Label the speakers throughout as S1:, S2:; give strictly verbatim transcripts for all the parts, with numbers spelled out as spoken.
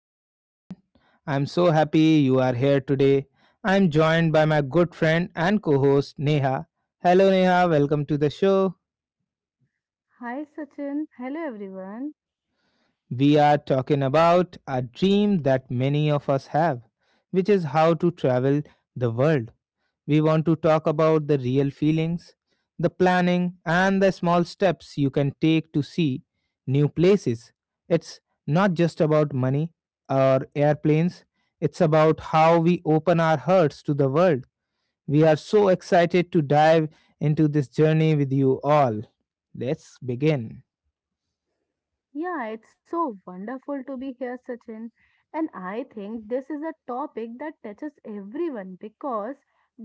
S1: everyone. I'm so happy you are here today. I'm joined by my good friend and co host Neha. Hello, Neha. Welcome to the show.
S2: Hi, Sachin. Hello, everyone.
S1: We are talking about a dream that many of us have, which is how to travel the world. We want to talk about the real feelings, the planning, and the small steps you can take to see new places. It's not just about money or airplanes, it's about how we open our hearts to the world. We are so excited to dive into this journey with you all. Let's begin.
S2: Yeah, it's so wonderful to be here, Sachin. And I think this is a topic that touches everyone because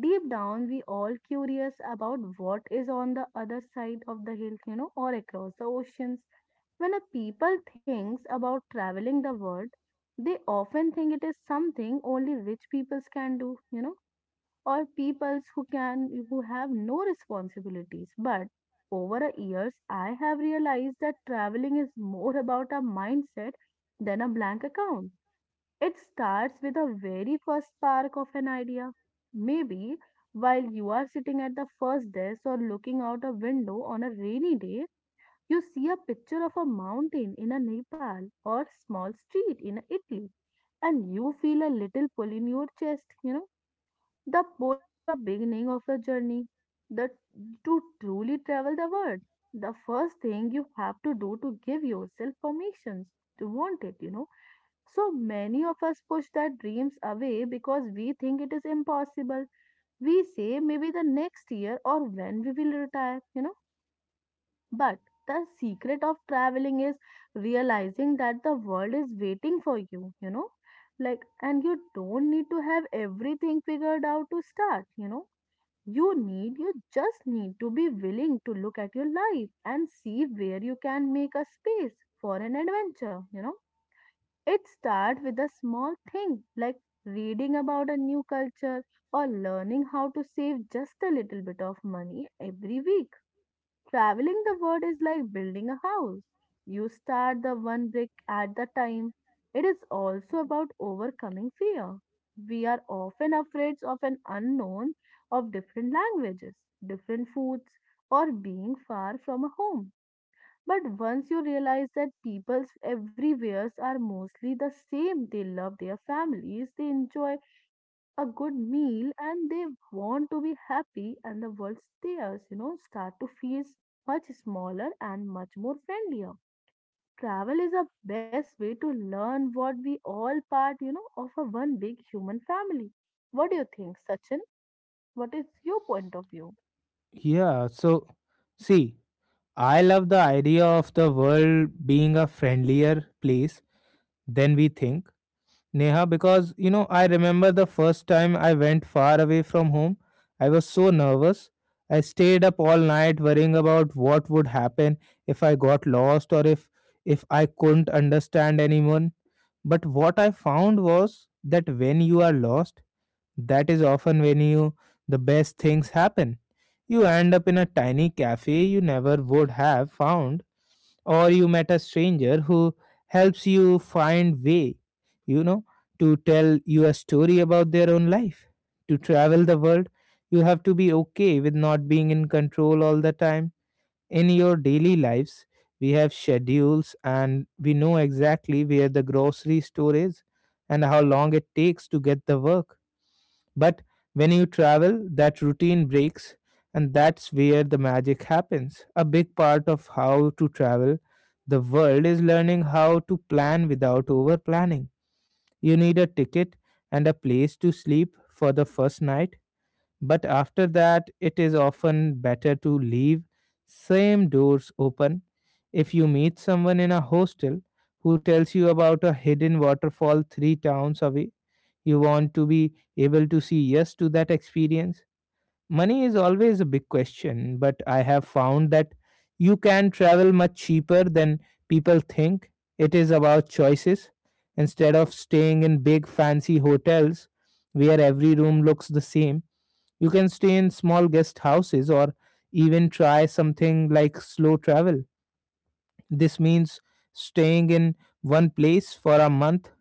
S2: deep down we all curious about what is on the other side of the hill, you know, or across the oceans. When a people thinks about traveling the world, they often think it is something only rich peoples can do, you know or peoples who can who have no responsibilities, but over the years I have realized that traveling is more about a mindset than a blank account. It starts with a very first spark of an idea. Maybe while you are sitting at the first desk or looking out a window on a rainy day, you see a picture of a mountain in a Nepal or small street in Italy, and you feel a little pull in your chest you know The pull in the beginning of the journey. The to truly travel the world, the first thing you have to do to give yourself permissions to want it you know So many of us push their dreams away because we think it is impossible. We say maybe the next year or when we will retire, you know, but the secret of traveling is realizing that the world is waiting for you you know like and you don't need to have everything figured out to start you know you need, you just need to be willing to look at your life and see where you can make a space for an adventure, you know. It starts with a small thing like reading about a new culture or learning how to save just a little bit of money every week. Traveling the world is like building a house. You start the one brick at the time. It is also about overcoming fear. We are often afraid of an unknown, of different languages, different foods, or being far from a home. But once you realize that peoples everywhere are mostly the same, they love their families, they enjoy a good meal and they want to be happy, and the world's theirs you know start to feel much smaller and much more friendlier. Travel is the best way to learn what we all part you know of a one big human family. What do you think, Sachin? What is your point of view?
S1: Yeah, so see, I love the idea of the world being a friendlier place than we think. Neha, because you know, I remember the first time I went far away from home. I was so nervous. I stayed up all night worrying about what would happen if I got lost or if if I couldn't understand anyone. But what I found was that when you are lost, that is often when you the best things happen. You end up in a tiny cafe you never would have found, or you met a stranger who helps you find way, you know, to tell you a story about their own life. To travel the world, you have to be okay with not being in control all the time. In your daily lives, we have schedules and we know exactly where the grocery store is and how long it takes to get the work. But when you travel, that routine breaks, and that's where the magic happens. A big part of how to travel the world is learning how to plan without over planning. You need a ticket and a place to sleep for the first night, but after that, it is often better to leave same doors open. If you meet someone in a hostel who tells you about a hidden waterfall three towns away, you want to be able to say yes to that experience. Money is always a big question, but I have found that you can travel much cheaper than people think. It is about choices. Instead of staying in big fancy hotels where every room looks the same, you can stay in small guest houses or even try something like slow travel. This means staying in one place for a month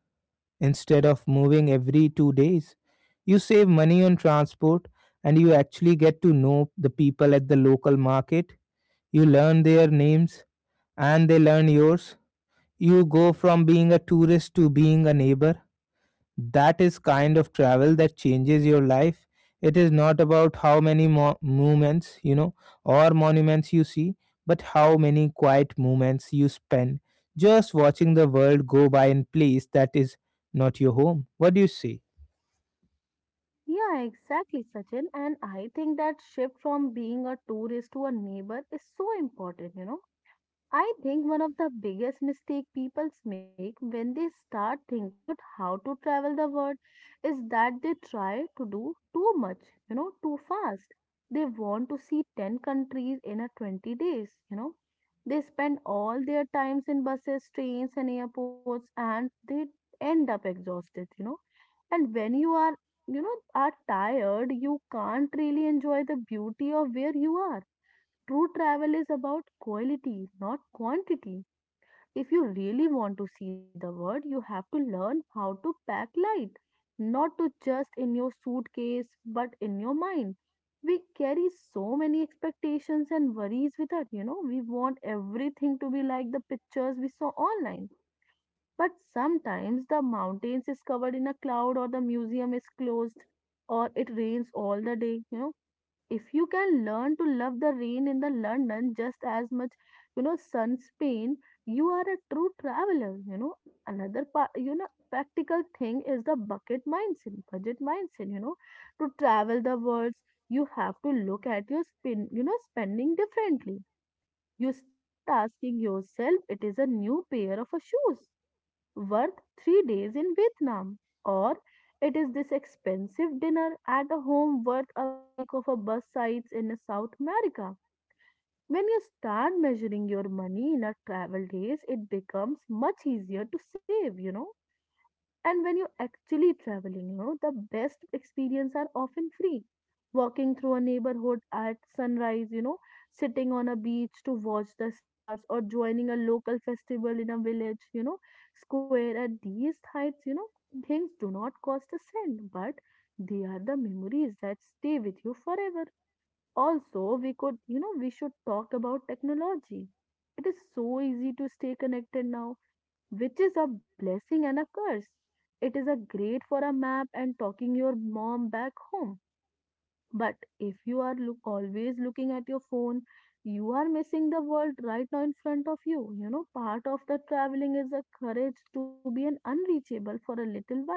S1: instead of moving every two days. You save money on transport and you actually get to know the people at the local market. You learn their names and they learn yours. You go from being a tourist to being a neighbor. That is kind of travel that changes your life. It is not about how many mo- movements, you know, or monuments you see, but how many quiet moments you spend just watching the world go by in place that is not your home. What do you say?
S2: Yeah, exactly, Sachin. And I think that shift from being a tourist to a neighbor is so important, you know. I think one of the biggest mistake people make when they start thinking about how to travel the world is that they try to do too much, you know, too fast. They want to see ten countries in a twenty days, you know. They spend all their times in buses, trains and airports and they end up exhausted, you know. And when you are, you know, are tired, you can't really enjoy the beauty of where you are. True travel is about quality, not quantity. If you really want to see the world, you have to learn how to pack light, not to just in your suitcase, but in your mind. We carry so many expectations and worries with us, you know. We want everything to be like the pictures we saw online. But sometimes the mountains is covered in a cloud, or the museum is closed, or it rains all the day, you know If you can learn to love the rain in the London just as much you know sun Spain, you are a true traveler you know another part you know practical thing is the bucket mindset budget mindset you know to travel the world you have to look at your spin you know spending differently. You start asking yourself, it is a new pair of a shoes worth three days in Vietnam, or it is this expensive dinner at a home worth a week of a bus sides in South America. When you start measuring your money in a travel days, it becomes much easier to save, you know. And when you're actually traveling, you know, the best experience are often free. Walking through a neighborhood at sunrise, you know, sitting on a beach to watch the stars or joining a local festival in a village, you know, square at these heights, you know, things do not cost a cent, but they are the memories that stay with you forever. Also, we could, you know, we should talk about technology. It is so easy to stay connected now, which is a blessing and a curse. It is a great for a map and talking your mom back home. But if you are look, always looking at your phone, you are missing the world right now in front of you. You know, part of the traveling is a courage to be an unreachable for a little while.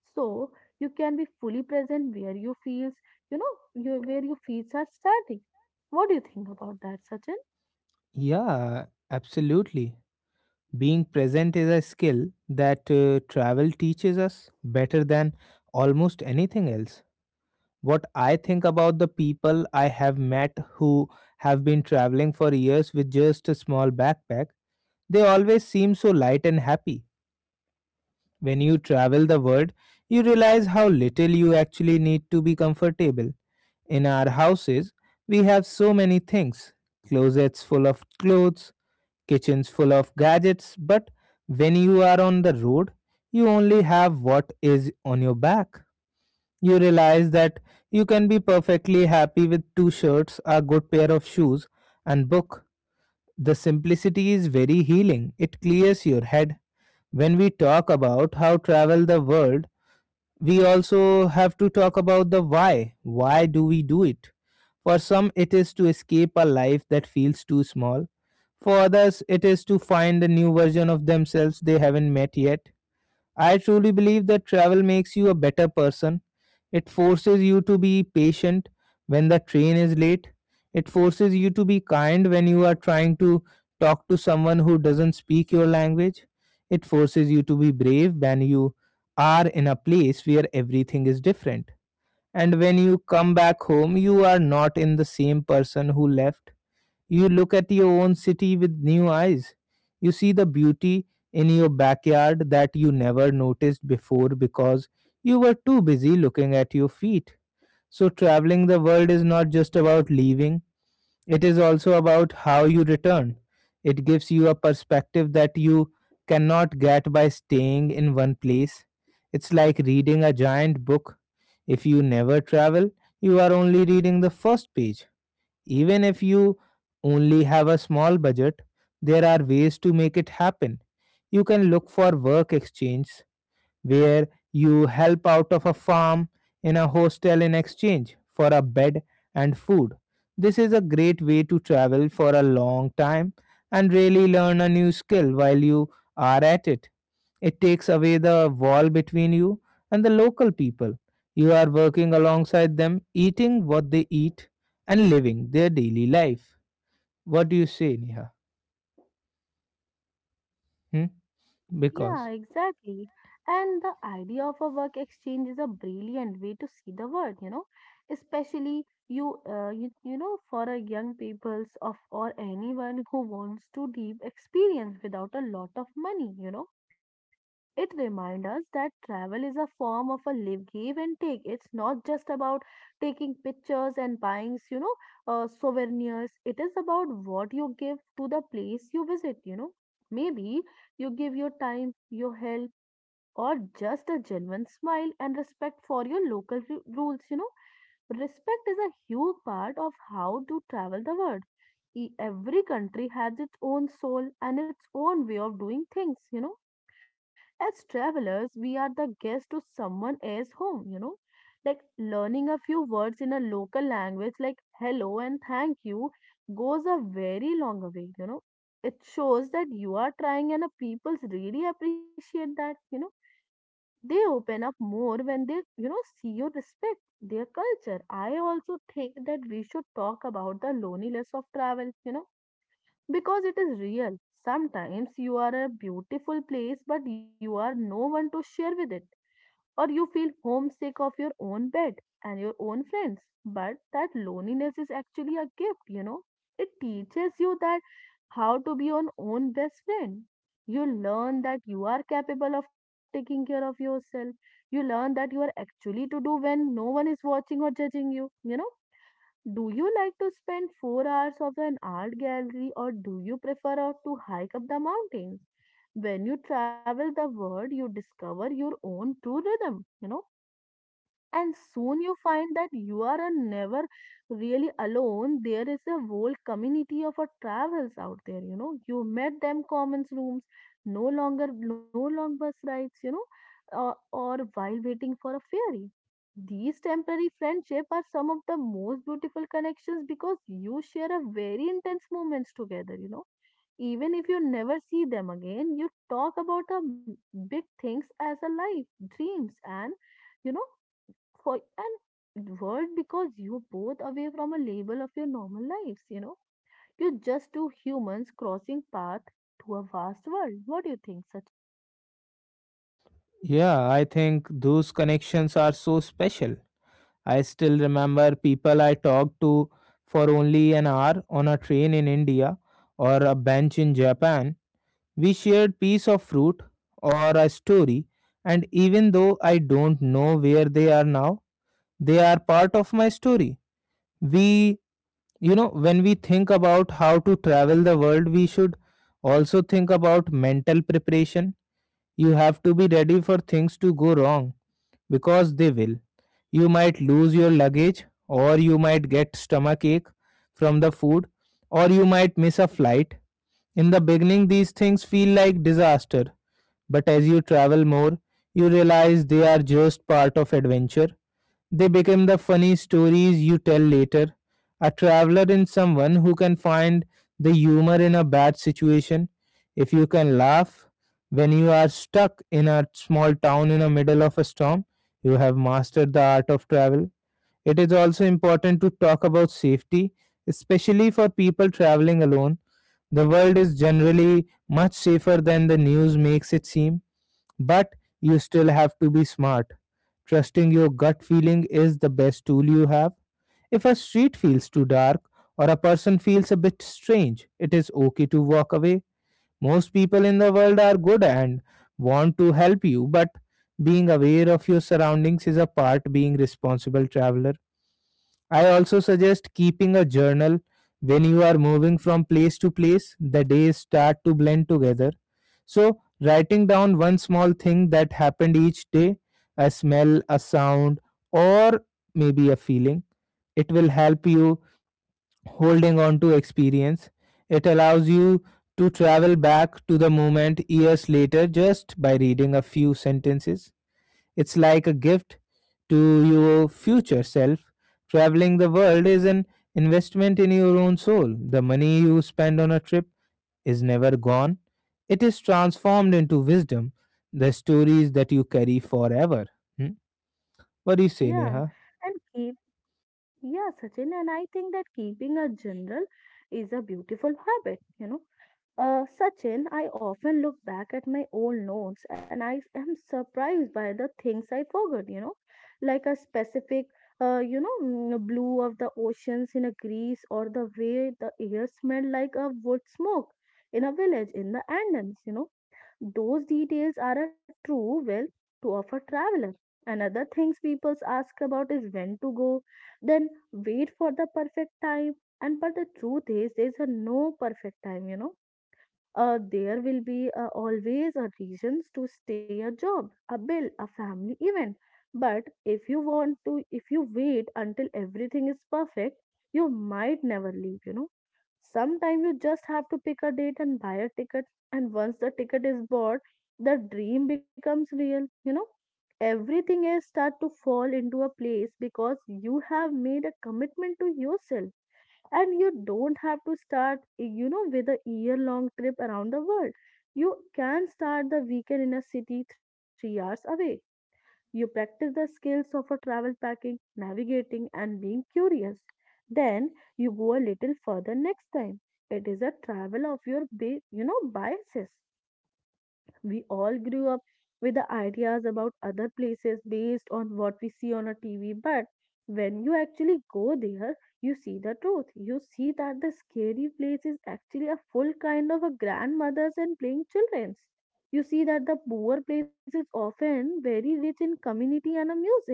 S2: So you can be fully present where you feels, you know, you, where your feet are starting. What do you think about that, Sachin?
S1: Yeah, absolutely. Being present is a skill that uh, travel teaches us better than almost anything else. What I think about the people I have met who have been traveling for years with just a small backpack, they always seem so light and happy. When you travel the world, you realize how little you actually need to be comfortable. In our houses, we have so many things, closets full of clothes, kitchens full of gadgets, but when you are on the road, you only have what is on your back. You realize that you can be perfectly happy with two shirts, a good pair of shoes, and book. The simplicity is very healing. It clears your head. When we talk about how travel the world, we also have to talk about the why. Why do we do it? For some, it is to escape a life that feels too small. For others, it is to find a new version of themselves they haven't met yet. I truly believe that travel makes you a better person. It forces you to be patient when the train is late. It forces you to be kind when you are trying to talk to someone who doesn't speak your language. It forces you to be brave when you are in a place where everything is different. And when you come back home, you are not in the same person who left. You look at your own city with new eyes. You see the beauty in your backyard that you never noticed before because you were too busy looking at your feet. So, traveling the world is not just about leaving, it is also about how you return. It gives you a perspective that you cannot get by staying in one place. It's like reading a giant book. If you never travel, you are only reading the first page. Even if you only have a small budget, there are ways to make it happen. You can look for work exchange where you help out of a farm in a hostel in exchange for a bed and food. This is a great way to travel for a long time and really learn a new skill while you are at it. It takes away the wall between you and the local people. You are working alongside them, eating what they eat, and living their daily life. What do you say, Neha? Hmm?
S2: Yeah,
S1: Because,
S2: exactly. And the idea of a work exchange is a brilliant way to see the world, you know, especially you, uh, you, you know, for a young peoples of or anyone who wants to deep experience without a lot of money, you know it reminds us that travel is a form of a live, give, and take. It's not just about taking pictures and buying, you know, uh, souvenirs. It is about what you give to the place you visit, you know. Maybe you give your time, your help, or just a genuine smile and respect for your local ru- rules, you know. Respect is a huge part of how to travel the world. E- Every country has its own soul and its own way of doing things, you know as travelers, we are the guest to someone else's home, you know. Like learning a few words in a local language like hello and thank you goes a very long way, you know. It shows that you are trying and the people really appreciate that, you know. They open up more when they, you know, see you respect their culture. I also think that we should talk about the loneliness of travel, you know because it is real. Sometimes you are a beautiful place, but you are no one to share with it, or you feel homesick of your own bed and your own friends. But that loneliness is actually a gift, you know. It teaches you that how to be your own best friend. You learn that you are capable of taking care of yourself. You learn that you are actually to do when no one is watching or judging you. You know, do you like to spend four hours of an art gallery or do you prefer out to hike up the mountains? When you travel the world, you discover your own true rhythm, you know and soon you find that you are a never really alone. There is a whole community of our travels out there, you know. You met them commons rooms, no longer no long bus rides, you know, uh, or while waiting for a ferry. These temporary friendships are some of the most beautiful connections because you share a very intense moments together, you know. Even if you never see them again, you talk about the big things as a life, dreams, and you know for and word because you both away from a label of your normal lives, you know. You're just two humans crossing path to a vast world. What do you think, such?
S1: yeah, I think those connections are so special. I still remember people I talked to for only an hour on a train in India or a bench in Japan. We shared piece of fruit or a story, and even though I don't know where they are now, they are part of my story. We, you know, when we think about how to travel the world, we should also think about mental preparation. You have to be ready for things to go wrong because they will. You might lose your luggage, or you might get stomachache from the food, or you might miss a flight. In the beginning, these things feel like disaster, but as you travel more, you realize they are just part of adventure. They become the funny stories you tell later. A traveler is someone who can find the humor in a bad situation. If you can laugh when you are stuck in a small town in the middle of a storm, you have mastered the art of travel. It is also important to talk about safety, especially for people traveling alone. The world is generally much safer than the news makes it seem. But you still have to be smart. Trusting your gut feeling is the best tool you have. If a street feels too dark or a person feels a bit strange, it is okay to walk away. Most people in the world are good and want to help you, but being aware of your surroundings is a part being responsible traveler. I also suggest keeping a journal. When you are moving from place to place, the days start to blend together. So, writing down one small thing that happened each day, a smell, a sound, or maybe a feeling, it will help you holding on to experience. It allows you to travel back to the moment years later just by reading a few sentences. It's like a gift to your future self. Traveling the world is an investment in your own soul. The money you spend on a trip is never gone, it is transformed into wisdom, the stories that you carry forever. Hmm? What do you say,
S2: Yeah,
S1: Neha?
S2: and keep Yeah, Sachin, and I think that keeping a general is a beautiful habit, you know. Uh, Sachin, I often look back at my old notes and I am surprised by the things I forgot, you know, like a specific, uh, you know, mm, blue of the oceans in a Greece or the way the air smelled like a wood smoke in a village in the Andans, you know. Those details are a true wealth to of a traveler. Another things people ask about is when to go. Then wait for the perfect time and but the truth is there's a no perfect time you know uh, there will be uh, always a reasons to stay a job a bill a family event, but if you want to if you wait until everything is perfect you might never leave you know Sometimes you just have to pick a date and buy a ticket, and once the ticket is bought, the dream becomes real. You know, everything else start to fall into a place because you have made a commitment to yourself, and you don't have to start, you know, with a year long trip around the world. You can start the weekend in a city three hours away. You practice the skills of a travel packing, navigating, and being curious. Then you go a little further next time. It is a travel of your, ba- you know, biases. We all grew up with the ideas about other places based on what we see on a T V, but when you actually go there, you see the truth. You see that the scary place is actually a full kind of a grandmothers and playing children's. You see that the poor place is often very rich in community and a music.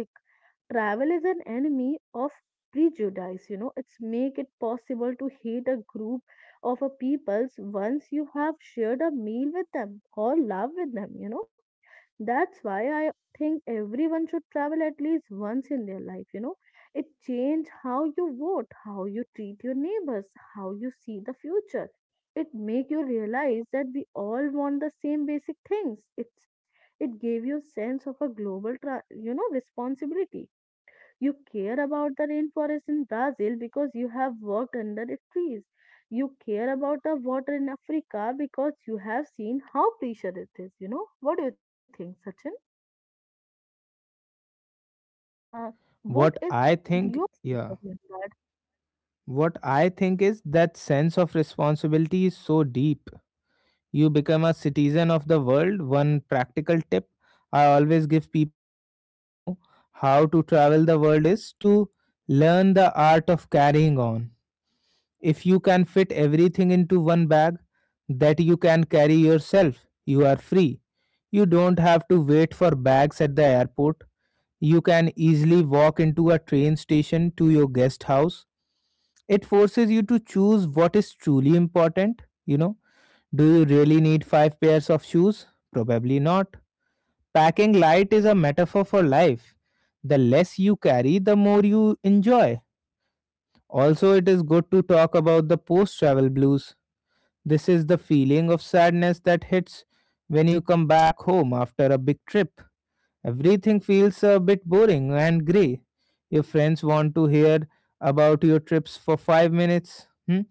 S2: Travel is an enemy of prejudice you know It's make it possible to hate a group of a peoples once you have shared a meal with them or love with them you know That's why I think everyone should travel at least once in their life you know It changes how you vote, how you treat your neighbors, how you see the future. It make you realize that we all want the same basic things it's It gave you sense of a global tra- you know responsibility. You care about the rainforest in Brazil because you have walked under its trees. You care about the water in Africa because you have seen how precious it is. You know, what do you think, Sachin? Uh, what
S1: What
S2: is
S1: I think,
S2: your point of
S1: yeah,
S2: view on that?
S1: what I think is that sense of responsibility is so deep. You become a citizen of the world. One practical tip I always give people who want to know how to travel the world is to learn the art of carrying on. If you can fit everything into one bag that you can carry yourself, you are free. You don't have to wait for bags at the airport. You can easily walk into a train station to your guest house. It forces you to choose what is truly important, you know, do you really need five pairs of shoes? Probably not. Packing light is a metaphor for life. The less you carry, the more you enjoy. Also, it is good to talk about the post travel blues. This is the feeling of sadness that hits when you come back home after a big trip. Everything feels a bit boring and grey. Your friends want to hear about your trips for five minutes, hmm?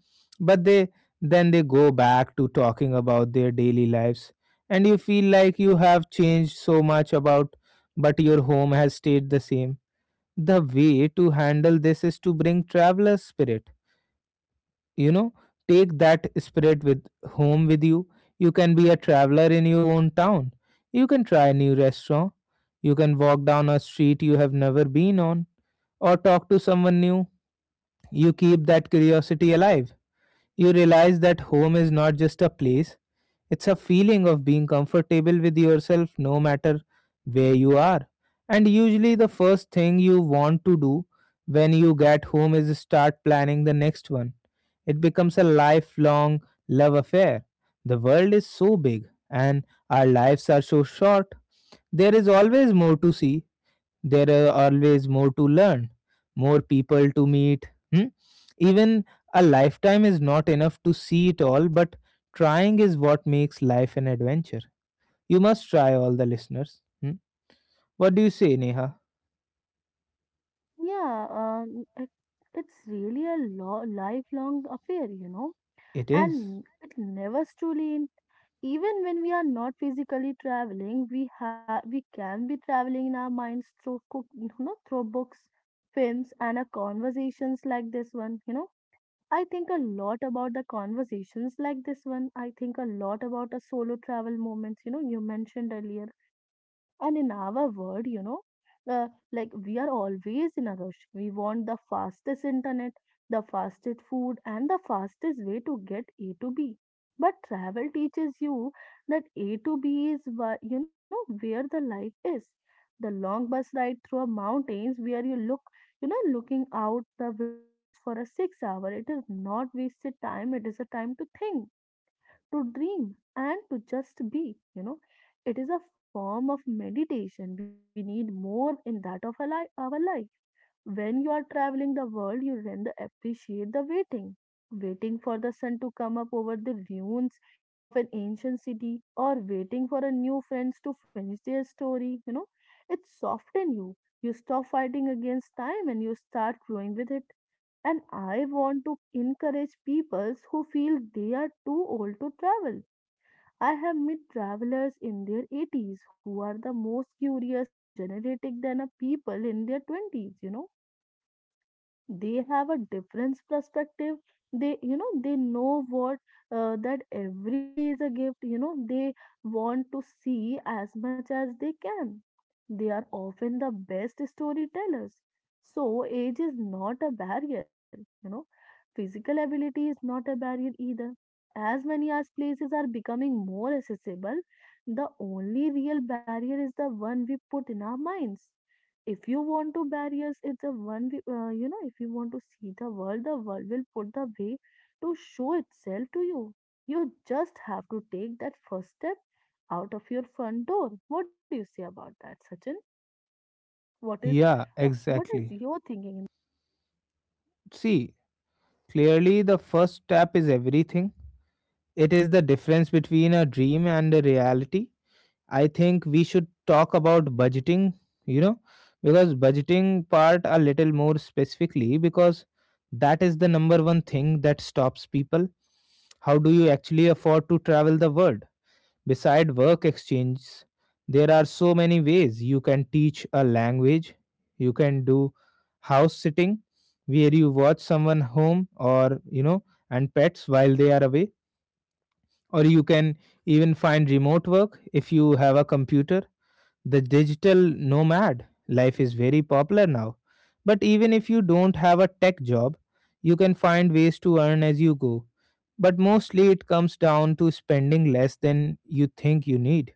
S1: But they then they go back to talking about their daily lives, and you feel like you have changed so much about, but your home has stayed the same. The way to handle this is to bring traveler spirit, you know take that spirit with home with you. You can be a traveler in your own town. You can try a new restaurant, you can walk down a street you have never been on, or talk to someone new. You keep that curiosity alive. You realize that home is not just a place, it's a feeling of being comfortable with yourself no matter where you are. And usually, the first thing you want to do when you get home is start planning the next one. It becomes a lifelong love affair. The world is so big, and our lives are so short. There is always more to see, there are always more to learn, more people to meet. Hmm? Even a lifetime is not enough to see it all, but trying is what makes life an adventure. You must try all the listeners. Hmm? What do you say, Neha?
S2: Yeah, um, it, it's really a lo- lifelong affair, you know.
S1: It is.
S2: And it never truly in. Even when we are not physically traveling, we have we can be traveling in our minds through cook you know through books, films, and our conversations like this one you know I think a lot about the conversations like this one. I think a lot about a solo travel moments you know you mentioned earlier. And in our world, you know, uh, like we are always in a rush. We want the fastest internet, the fastest food, and the fastest way to get A to B. But travel teaches you that A to B is, wha- you know, where the life is. The long bus ride through a mountains where you look, you know, looking out the windows for a six hour. It is not wasted time. It is a time to think, to dream, and to just be you know it is a form of meditation we need more in that of our life, our life When you are traveling the world, you render appreciate the waiting, waiting for the sun to come up over the ruins of an ancient city, or waiting for a new friends to finish their story you know It softens you you stop fighting against time, and you start growing with it. And I want to encourage people who feel they are too old to travel. I have met travelers in their eighties who are the most curious and genetic than a people in their twenties, you know They have a different perspective. They you know they know what, uh, that every day is a gift you know They want to see as much as they can. They are often the best storytellers. So age is not a barrier you know Physical ability is not a barrier either, as many as places are becoming more accessible. The only real barrier is the one we put in our minds. If you want to barriers, it's a one we- uh, you know if you want to see the world, the world will put the way to show itself to you. You just have to take that first step out of your front door. What do you say about that, Sachin? what is
S1: Yeah,
S2: uh, what is
S1: exactly.
S2: your thinking?
S1: See, clearly the first step is everything. It is the difference between a dream and a reality. I think we should talk about budgeting, you know, because budgeting part a little more specifically, because that is the number one thing that stops people. How do you actually afford to travel the world? Beside work exchanges, there are so many ways. You can teach a language, you can do house sitting where you watch someone home or, you know, and pets while they are away, or you can even find remote work. If you have a computer, the digital nomad life is very popular now. But even if you don't have a tech job, you can find ways to earn as you go. But mostly it comes down to spending less than you think you need.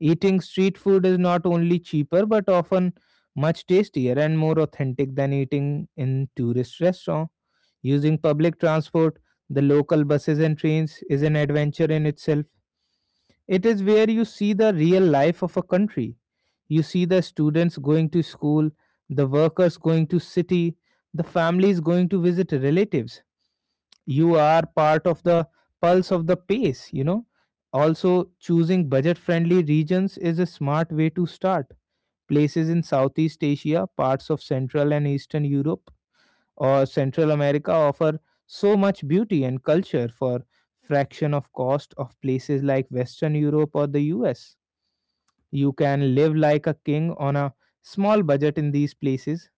S1: Eating street food is not only cheaper but often much tastier and more authentic than eating in tourist restaurant. Using public transport, the local buses and trains, is an adventure in itself. It is where you see the real life of a country. You see the students going to school, the workers going to city, the families going to visit relatives. You are part of the pulse of the pace, you know. Also, choosing budget friendly regions is a smart way to start. Places in Southeast Asia, parts of Central and Eastern Europe, or Central America offer so much beauty and culture for fraction of cost of places like Western Europe or the U S. You can live like a king on a small budget in these places,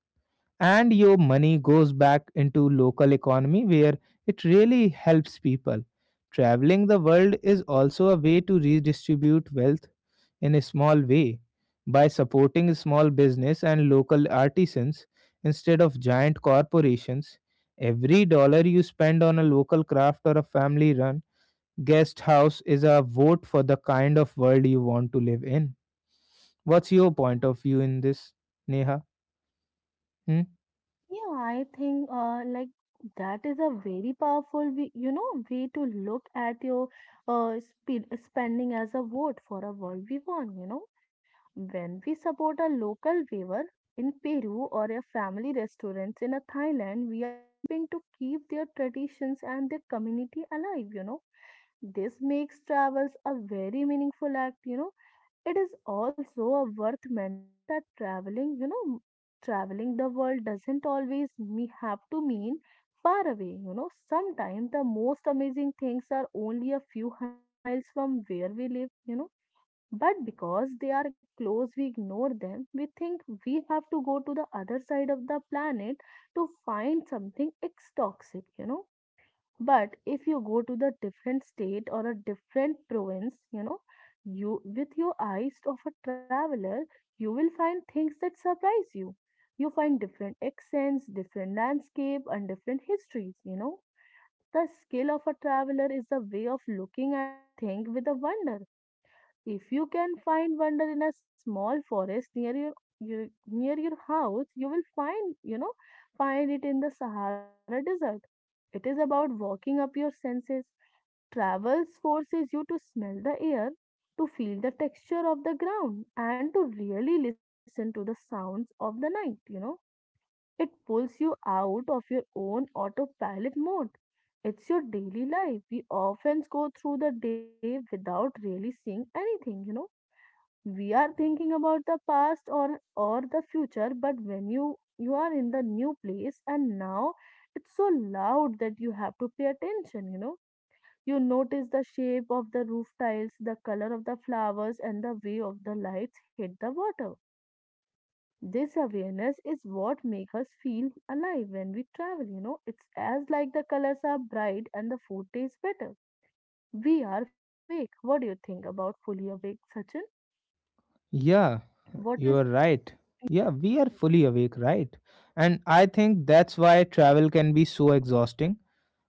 S1: and your money goes back into local economy where it really helps people. Traveling the world is also a way to redistribute wealth in a small way, by supporting small business and local artisans instead of giant corporations. Every dollar you spend on a local craft or a family run guest house is a vote for the kind of world you want to live in. What's your point of view in this, Neha? Hmm.
S2: Yeah, I think uh, like that is a very powerful, way- you know, way to look at your uh, spe- spending as a vote for a world we want. You know, when we support a local waver in Peru or a family restaurants in a Thailand, we are helping to keep their traditions and their community alive. You know, this makes travels a very meaningful act. You know it is also a worth mention that traveling, you know, traveling the world doesn't always me have to mean far away. You know, sometimes the most amazing things are only a few hundred miles from where we live, you know. But because they are close, we ignore them. We think we have to go to the other side of the planet to find something ex toxic, you know But if you go to the different state or a different province, you know, you with your eyes of a traveler, you will find things that surprise you. You find different accents, different landscape, and different histories, you know. The skill of a traveler is the way of looking at the thing with a wonder. If you can find wonder in a small forest near your, your near your house, you will find, you know, find it in the Sahara desert. It is about walking up your senses. Travel forces you to smell the air, to feel the texture of the ground, and to really listen to the sounds of the night, you know. It pulls you out of your own autopilot mode. It's your daily life. We often go through the day without really seeing anything, you know. We are thinking about the past or or the future, but when you you are in the new place and now it's so loud that you have to pay attention, you know You notice the shape of the roof tiles, the color of the flowers, and the way of the lights hit the water. This awareness is what makes us feel alive when we travel, you know. It's as like the colors are bright and the food tastes better. We are fully awake. What do you think about fully awake, Sachin?
S1: Yeah,
S2: What is,
S1: you are right. Yeah, we are fully awake, right? And I think that's why travel can be so exhausting,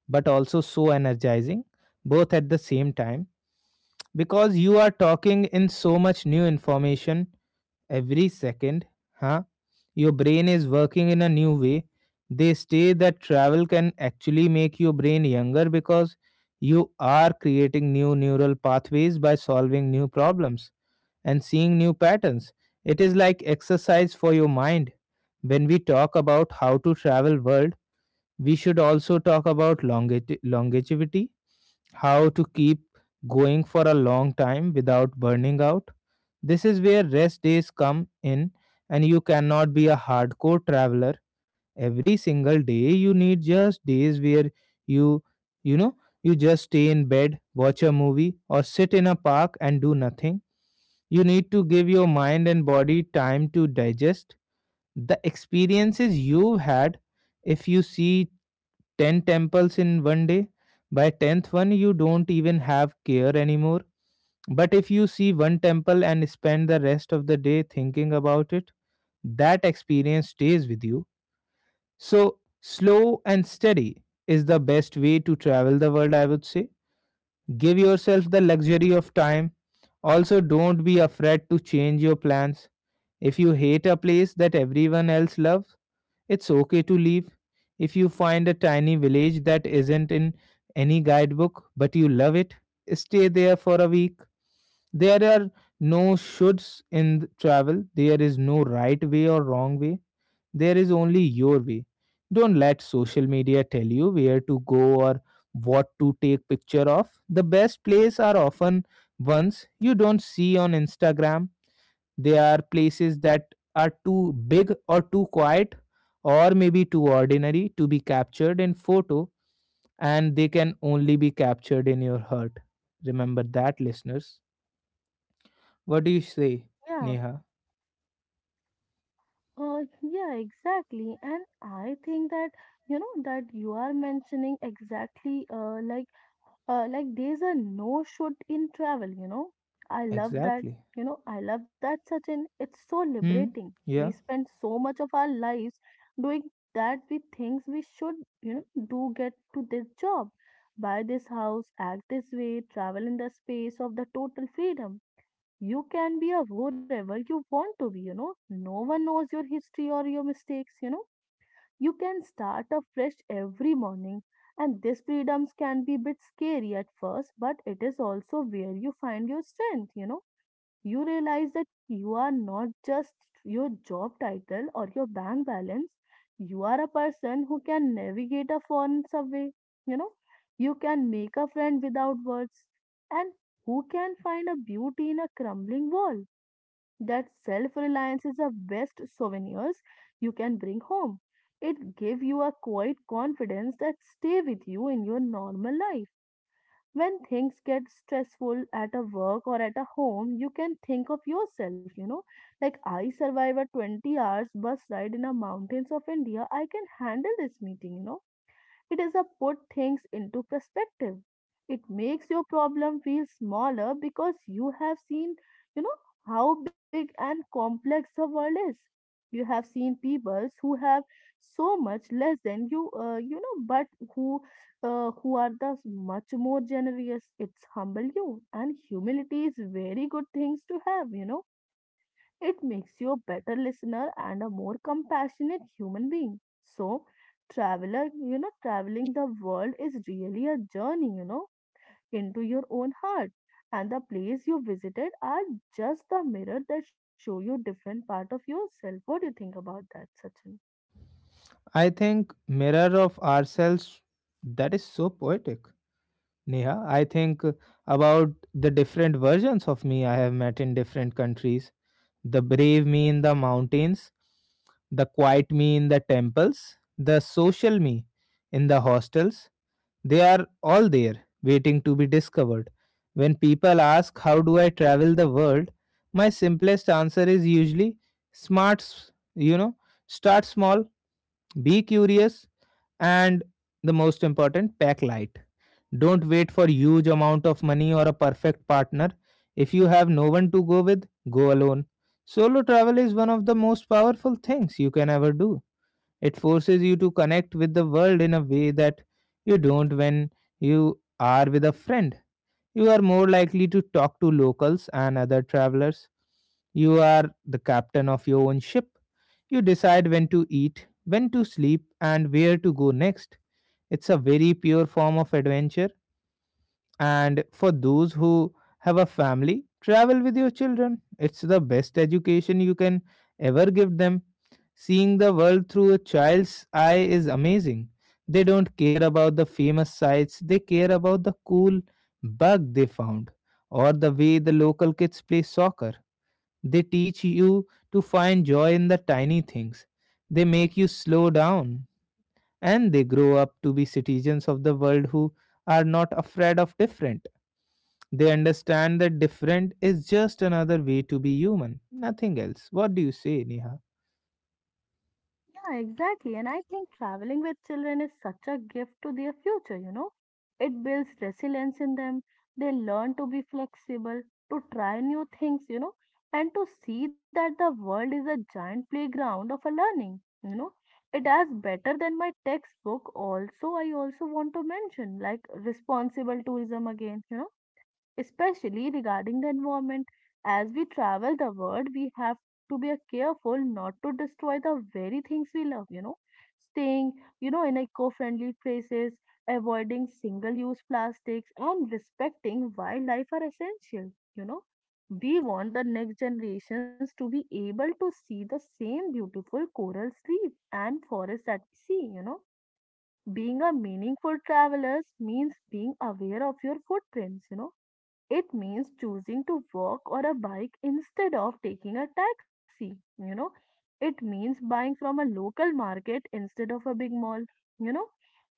S1: but also so energizing, both at the same time, because you are talking in so much new information every second. Huh? Your brain is working in a new way. They say that travel can actually make your brain younger because you are creating new neural pathways by solving new problems and seeing new patterns. It is like exercise for your mind. When we talk about how to travel world, we should also talk about longevity. Longevity, how to keep going for a long time without burning out. This is where rest days come in, and you cannot be a hardcore traveler every single day. You need just days where you, you know, you just stay in bed, watch a movie, or sit in a park and do nothing. You need to give your mind and body time to digest the experiences you've had. If you see ten temples in one day. By tenth one, you don't even have care anymore. But if you see one temple and spend the rest of the day thinking about it, that experience stays with you. So, slow and steady is the best way to travel the world, I would say. Give yourself the luxury of time. Also, don't be afraid to change your plans. If you hate a place that everyone else loves, it's okay to leave. If you find a tiny village that isn't in any guidebook but you love it, stay there for a week. There are no shoulds in th- travel, there is no right way or wrong way, there is only your way. Don't let social media tell you where to go or what to take picture of. The best places are often ones you don't see on Instagram. They are places that are too big or too quiet or maybe too ordinary to be captured in photo, and they can only be captured in your heart. Remember that, listeners. What do you say,
S2: yeah.
S1: Neha?
S2: Uh, yeah, exactly. And I think that, you know, that you are mentioning exactly uh, like uh, like there's a no should in travel, you know. I love that,
S1: Exactly.
S2: you know, I love that, Sachin. It's so
S1: Hmm.
S2: liberating. We
S1: Yeah.
S2: spend so much of our lives doing that we things we should, you know, do get to this job, buy this house, act this way, travel in the space of the total freedom. You can be a whoever you want to be, you know. No one knows your history or your mistakes, you know. You can start afresh every morning, and these freedoms can be a bit scary at first, but it is also where you find your strength, you know. You realize that you are not just your job title or your bank balance, you are a person who can navigate a foreign subway, you know. You can make a friend without words, and who can find a beauty in a crumbling wall that self reliance is the best souvenirs you can bring home. It gives you a quiet confidence that stay with you in your normal life. When things get stressful at a work or at a home, you can think of yourself, you know, like I survive a twenty hours bus ride in the mountains of India. I can handle this meeting, you know It is a put things into perspective. It makes your problem feel smaller because you have seen, you know, how big and complex the world is. You have seen peoples who have so much less than you, uh, you know, but who, uh, who are thus much more generous. It's humble you, and humility is very good things to have, you know It makes you a better listener and a more compassionate human being. So, traveler, you know, traveling the world is really a journey, you know, into your own heart. And the place you visited are just the mirror that show you different part of yourself. What do you think about that, Sachin?
S1: I think mirror of ourselves, that is so poetic, Neha. I think about the different versions of me I have met in different countries. The brave me in the mountains, the quiet me in the temples, the social me in the hostels, they are all there, waiting to be discovered. When people ask, "How do I travel the world?" my simplest answer is usually smart, s- you know, start small, be curious, and the most important, pack light. Don't wait for huge amount of money or a perfect partner. If you have no one to go with, go alone. Solo travel is one of the most powerful things you can ever do. It forces you to connect with the world in a way that you don't when you are with a friend. You are more likely to talk to locals and other travelers. You are the captain of your own ship. You decide when to eat, when to sleep, and where to go next. It's a very pure form of adventure. And for those who have a family, travel with your children. It's the best education you can ever give them. Seeing the world through a child's eye is amazing. They don't care about the famous sites; they care about the cool bug they found or the way the local kids play soccer. They teach you to find joy in the tiny things. They make you slow down, and they grow up to be citizens of the world who are not afraid of different. They understand that different is just another way to be human, nothing else. What do you say, Neha?
S2: Yeah, exactly. And I think traveling with children is such a gift to their future, you know. It builds resilience in them. They learn to be flexible, to try new things, you know, and to see that the world is a giant playground of a learning, you know. It does better than my textbook. Also, I also want to mention like responsible tourism again, you know especially regarding the environment. As we travel the world, we have to be careful not to destroy the very things we love, you know, staying, you know, in eco-friendly places, avoiding single-use plastics, and respecting wildlife are essential, you know. We want the next generations to be able to see the same beautiful coral reefs and forests that we see, you know Being a meaningful travelers means being aware of your footprints you know It means choosing to walk or a bike instead of taking a taxi. You know, it means buying from a local market instead of a big mall. You know,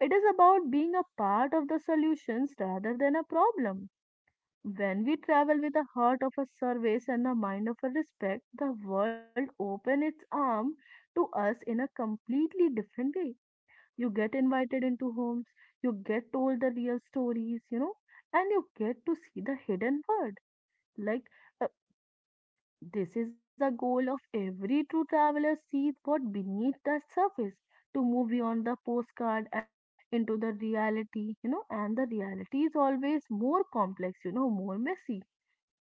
S2: it is about being a part of the solutions rather than a problem. When we travel with a heart of a service and the mind of a respect, the world opens its arm to us in a completely different way. You get invited into homes, you get told the real stories, you know, and you get to see the hidden world like, uh, this is the goal of every true traveler see what beneath the surface to move beyond the postcard and into the reality, you know, and the reality is always more complex, you know, more messy.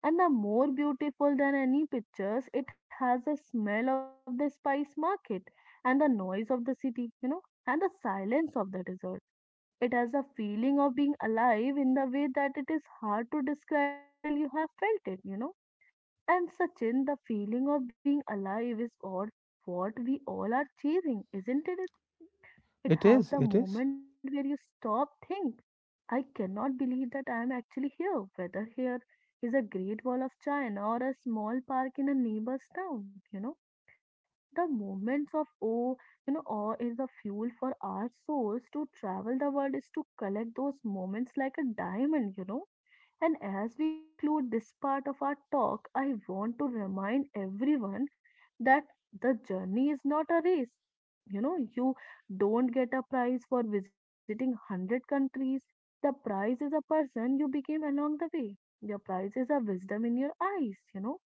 S2: And the more beautiful than any pictures, it has the smell of the spice market and the noise of the city, you know, and the silence of the desert. It has a feeling of being alive in the way that it is hard to describe until you have felt it, you know and Sachin, the feeling of being alive is odd. What we all are chasing, isn't it? It
S1: It
S2: has
S1: is,
S2: the
S1: it is.
S2: moment where you stop, think, I cannot believe that I am actually here. Whether here is a great wall of China or a small park in a neighbor's town, you know, the moments of awe, you know, awe is the fuel for our souls to travel the world is to collect those moments like a diamond, you know and as we conclude this part of our talk, I want to remind everyone that the journey is not a race. You know, you don't get a prize for visiting one hundred countries. The prize is a person you became along the way. The prize is a wisdom in your eyes, you know,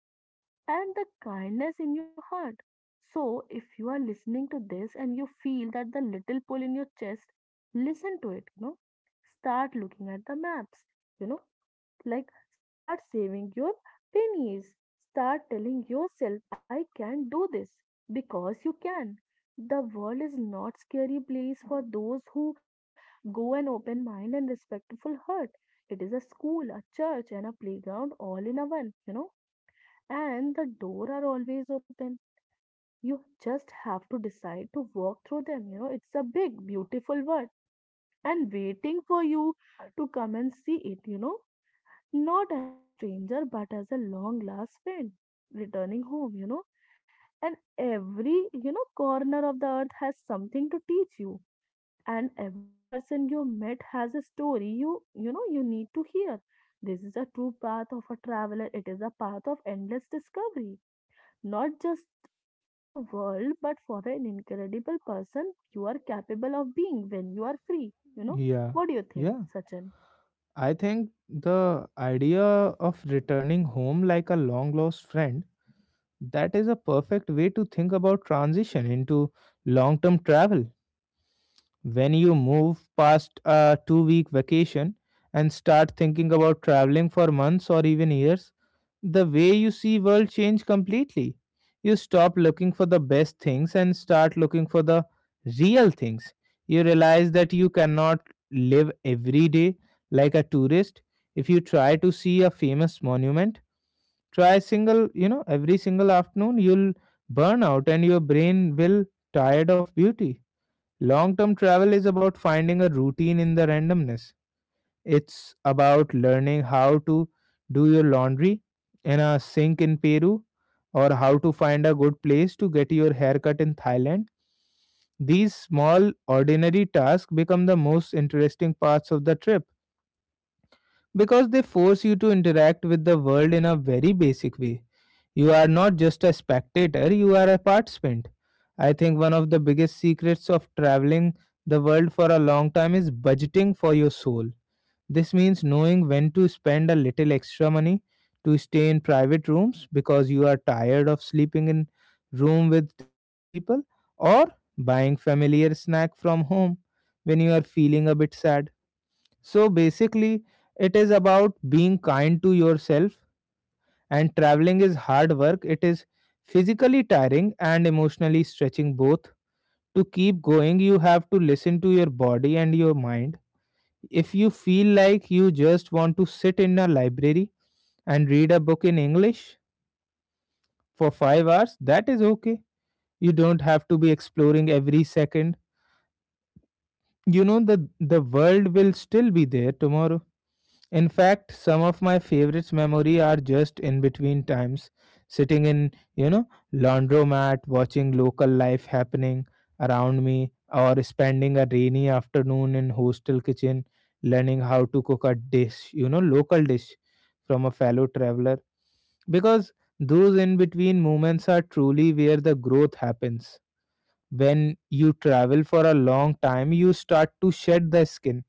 S2: and the kindness in your heart. So, if you are listening to this and you feel that the little pull in your chest, listen to it, you know, start looking at the maps you know like, start saving your pennies. Start telling yourself, I can do this because you can. The world is not scary place for those who go an open mind and respectful heart. It is a school, a church, and a playground all in a one, you know. And the door are always open. You just have to decide to walk through them. You know, it's a big, beautiful world and waiting for you to come and see it, you know not as a stranger but as a long lost friend returning home you know and every you know corner of the earth has something to teach you, and every person you met has a story you you know you need to hear. This is a true path of a traveler. It is a path of endless discovery, not just of the world but for an incredible person you are capable of being when you are free you know
S1: Yeah,
S2: what do you think,
S1: yeah.
S2: sachin
S1: I think the idea of returning home like a long lost friend, that is a perfect way to think about transition into long term travel. When you move past a two week vacation and start thinking about traveling for months or even years, the way you see world change completely. You stop looking for the best things and start looking for the real things. You realize that you cannot live every day like a tourist. If you try to see a famous monument, try single, you know, every single afternoon, you'll burn out and your brain will tired of beauty. Long term travel is about finding a routine in the randomness. It's about learning how to do your laundry in a sink in Peru, or how to find a good place to get your haircut in Thailand. These small, ordinary tasks become the most interesting parts of the trip because they force you to interact with the world in a very basic way. You are not just a spectator, you are a participant. I think one of the biggest secrets of traveling the world for a long time is budgeting for your soul. This means knowing when to spend a little extra money to stay in private rooms because you are tired of sleeping in room with ten other people, or buying familiar snack from home when you are feeling a bit sad. So basically, it is about being kind to yourself, and traveling is hard work. It is physically tiring and emotionally stretching both. To keep going, you have to listen to your body and your mind. If you feel like you just want to sit in a library and read a book in English for five hours, that is okay. You don't have to be exploring every second. You know the the world will still be there tomorrow. In fact, some of my favorites memory are just in between times, sitting in, you know, laundromat, watching local life happening around me, or spending a rainy afternoon in hostel kitchen, learning how to cook a dish, you know, local dish from a fellow traveler. Because those in between moments are truly where the growth happens. When you travel for a long time, you start to shed the skin,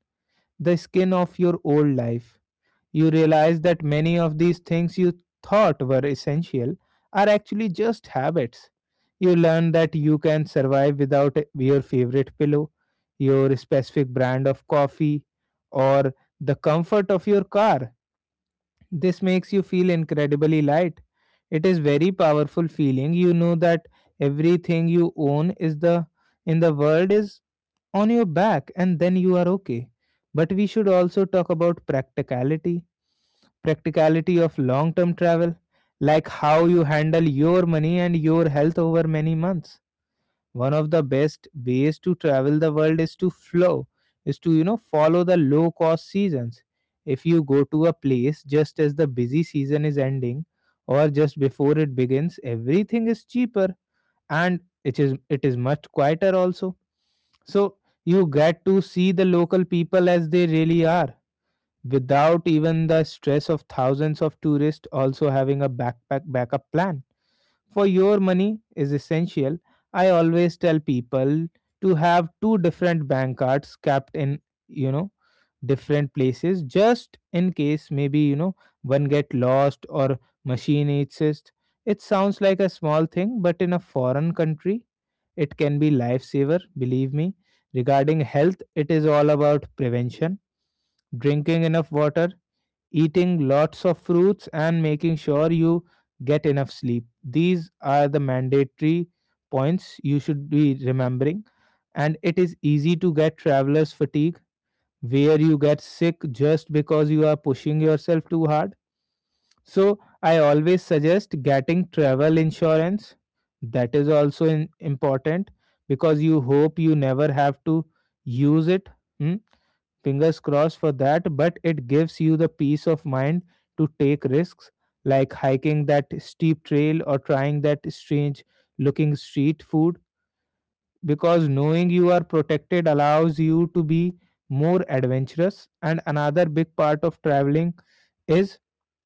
S1: the skin of your old life. You realize that many of these things you thought were essential are actually just habits. You learn that you can survive without your favorite pillow, your specific brand of coffee, or the comfort of your car. This makes you feel incredibly light. It is very powerful feeling. You know that everything you own is the in the world is on your back and then you are okay. But we should also talk about practicality practicality of long term travel, like how you handle your money and your health over many months. One of the best ways to travel the world is to flow is to you know follow the low cost seasons. If you go to a place just as the busy season is ending or just before it begins, everything is cheaper and it is it is much quieter also. So you get to see the local people as they really are without even the stress of thousands of tourists. Also, having a backpack backup plan for your money is essential. I always tell people to have two different bank cards kept in, you know, different places, just in case maybe, you know, one get lost or machine exists. It sounds like a small thing, but in a foreign country, it can be lifesaver, believe me. Regarding health, it is all about prevention: drinking enough water, eating lots of fruits, and making sure you get enough sleep. These are the mandatory points you should be remembering. And it is easy to get traveler's fatigue, where you get sick just because you are pushing yourself too hard. So, I always suggest getting travel insurance. That is also in, important because you hope you never have to use it. Hmm, fingers crossed for that, but it gives you the peace of mind to take risks, like hiking that steep trail or trying that strange looking street food, because knowing you are protected allows you to be more adventurous. And another big part of traveling is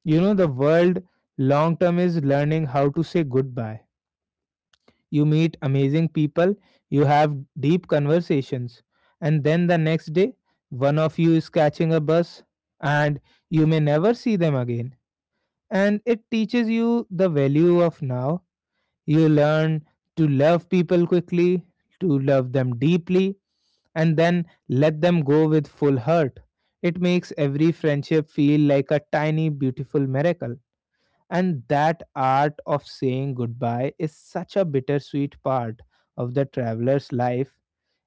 S1: you know the world long term is learning how to say goodbye. You meet amazing people, you have deep conversations, and then the next day, one of you is catching a bus and you may never see them again. And it teaches you the value of now. You learn to love people quickly, to love them deeply, and then let them go with full heart. It makes every friendship feel like a tiny, beautiful miracle. And that art of saying goodbye is such a bittersweet part of the traveler's life.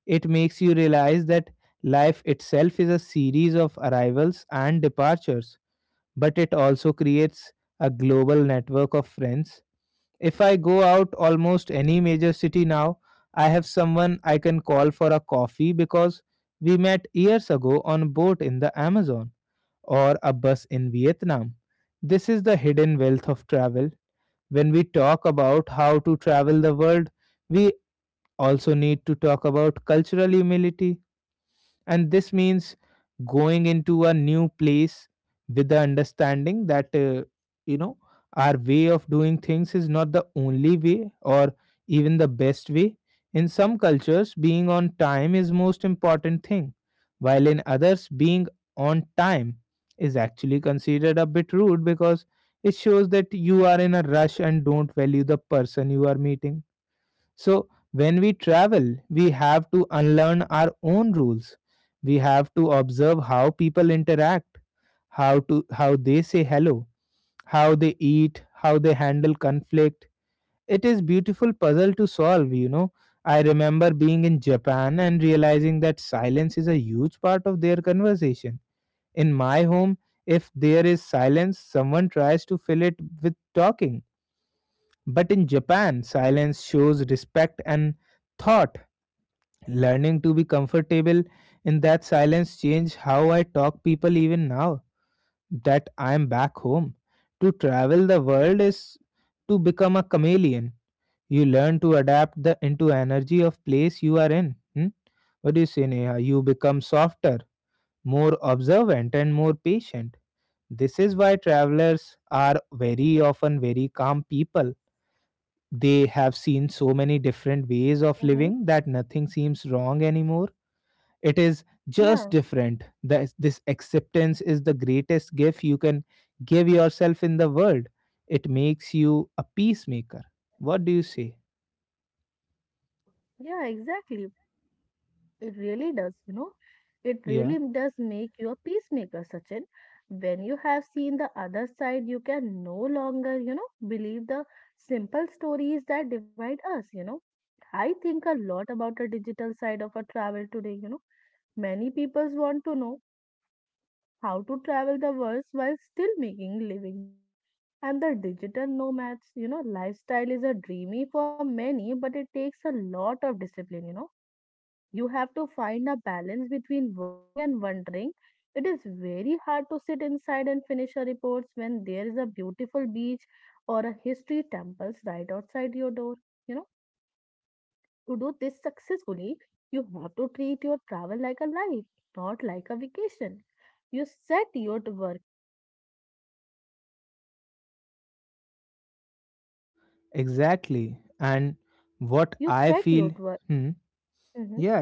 S1: It makes you realize that life itself is a series of arrivals and departures, but it also creates a global network of friends. If I go out almost any major city now, I have someone I can call for a coffee because we met years ago on a boat in the Amazon or a bus in Vietnam. This is the hidden wealth of travel. When we talk about how to travel the world, we also need to talk about cultural humility. And this means going into a new place with the understanding that uh, you know our way of doing things is not the only way or even the best way. In some cultures, being on time is most important thing, while in others, being on time is actually considered a bit rude because it shows that you are in a rush and don't value the person you are meeting. So, when we travel, we have to unlearn our own rules. We have to observe how people interact, how to how they say hello, how they eat, how they handle conflict. It is beautiful puzzle to solve, you know. I remember being in Japan and realizing that silence is a huge part of their conversation. In my home, if there is silence, someone tries to fill it with talking, but in Japan, silence shows respect and thought. Learning to be comfortable in that silence changed how I talk people even now that I am back home. To travel the world is to become a chameleon. You learn to adapt the into energy of place you are in. Hmm? What do you say, Neha? You become softer, more observant, and more patient. This is why travelers are very often very calm people. They have seen so many different ways of
S2: Mm-hmm.
S1: living that nothing seems wrong anymore. It is just
S2: Yeah,
S1: different. The, this acceptance is the greatest gift you can give yourself in the world. It makes you a peacemaker. What do you say?
S2: yeah, exactly. It really does, you know. It really
S1: Yeah,
S2: does make you a peacemaker, Sachin. When you have seen the other side, you can no longer, you know, believe the simple stories that divide us, you know. I think a lot about the digital side of a travel today, you know. Many people want to know how to travel the world while still making living, you know. And the digital nomads, you know, lifestyle is a dreamy for many, but it takes a lot of discipline, you know you have to find a balance between working and wondering. It is very hard to sit inside and finish a report when there is a beautiful beach or a history temples right outside your door. You know, to do this successfully, you have to treat your travel like a life, not like a vacation. You set your to work.
S1: exactly. And what
S2: You
S1: I
S2: set your
S1: feel.
S2: to work.
S1: Hmm,
S2: Mm-hmm.
S1: yeah,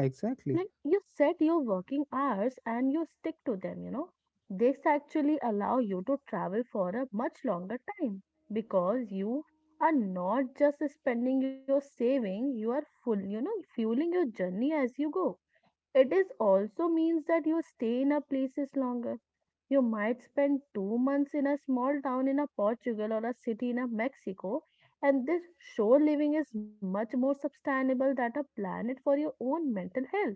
S2: like
S1: exactly.
S2: you set your working hours and you stick to them you know this actually allow you to travel for a much longer time because you are not just spending your saving you are full you know fueling your journey as you go it is also means that you stay in a places longer. You might spend 2 months in a small town in a portugal or a city in a mexico, and this shore living is much more sustainable than a planet for your own mental health.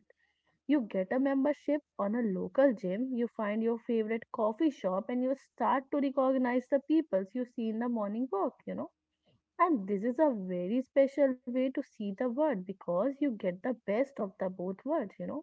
S2: You get a membership on a local gym, you find your favorite coffee shop, and you start to recognize the peoples you see in the morning walk, you know. And this is a very special way to see the world because you get the best of the both worlds, you know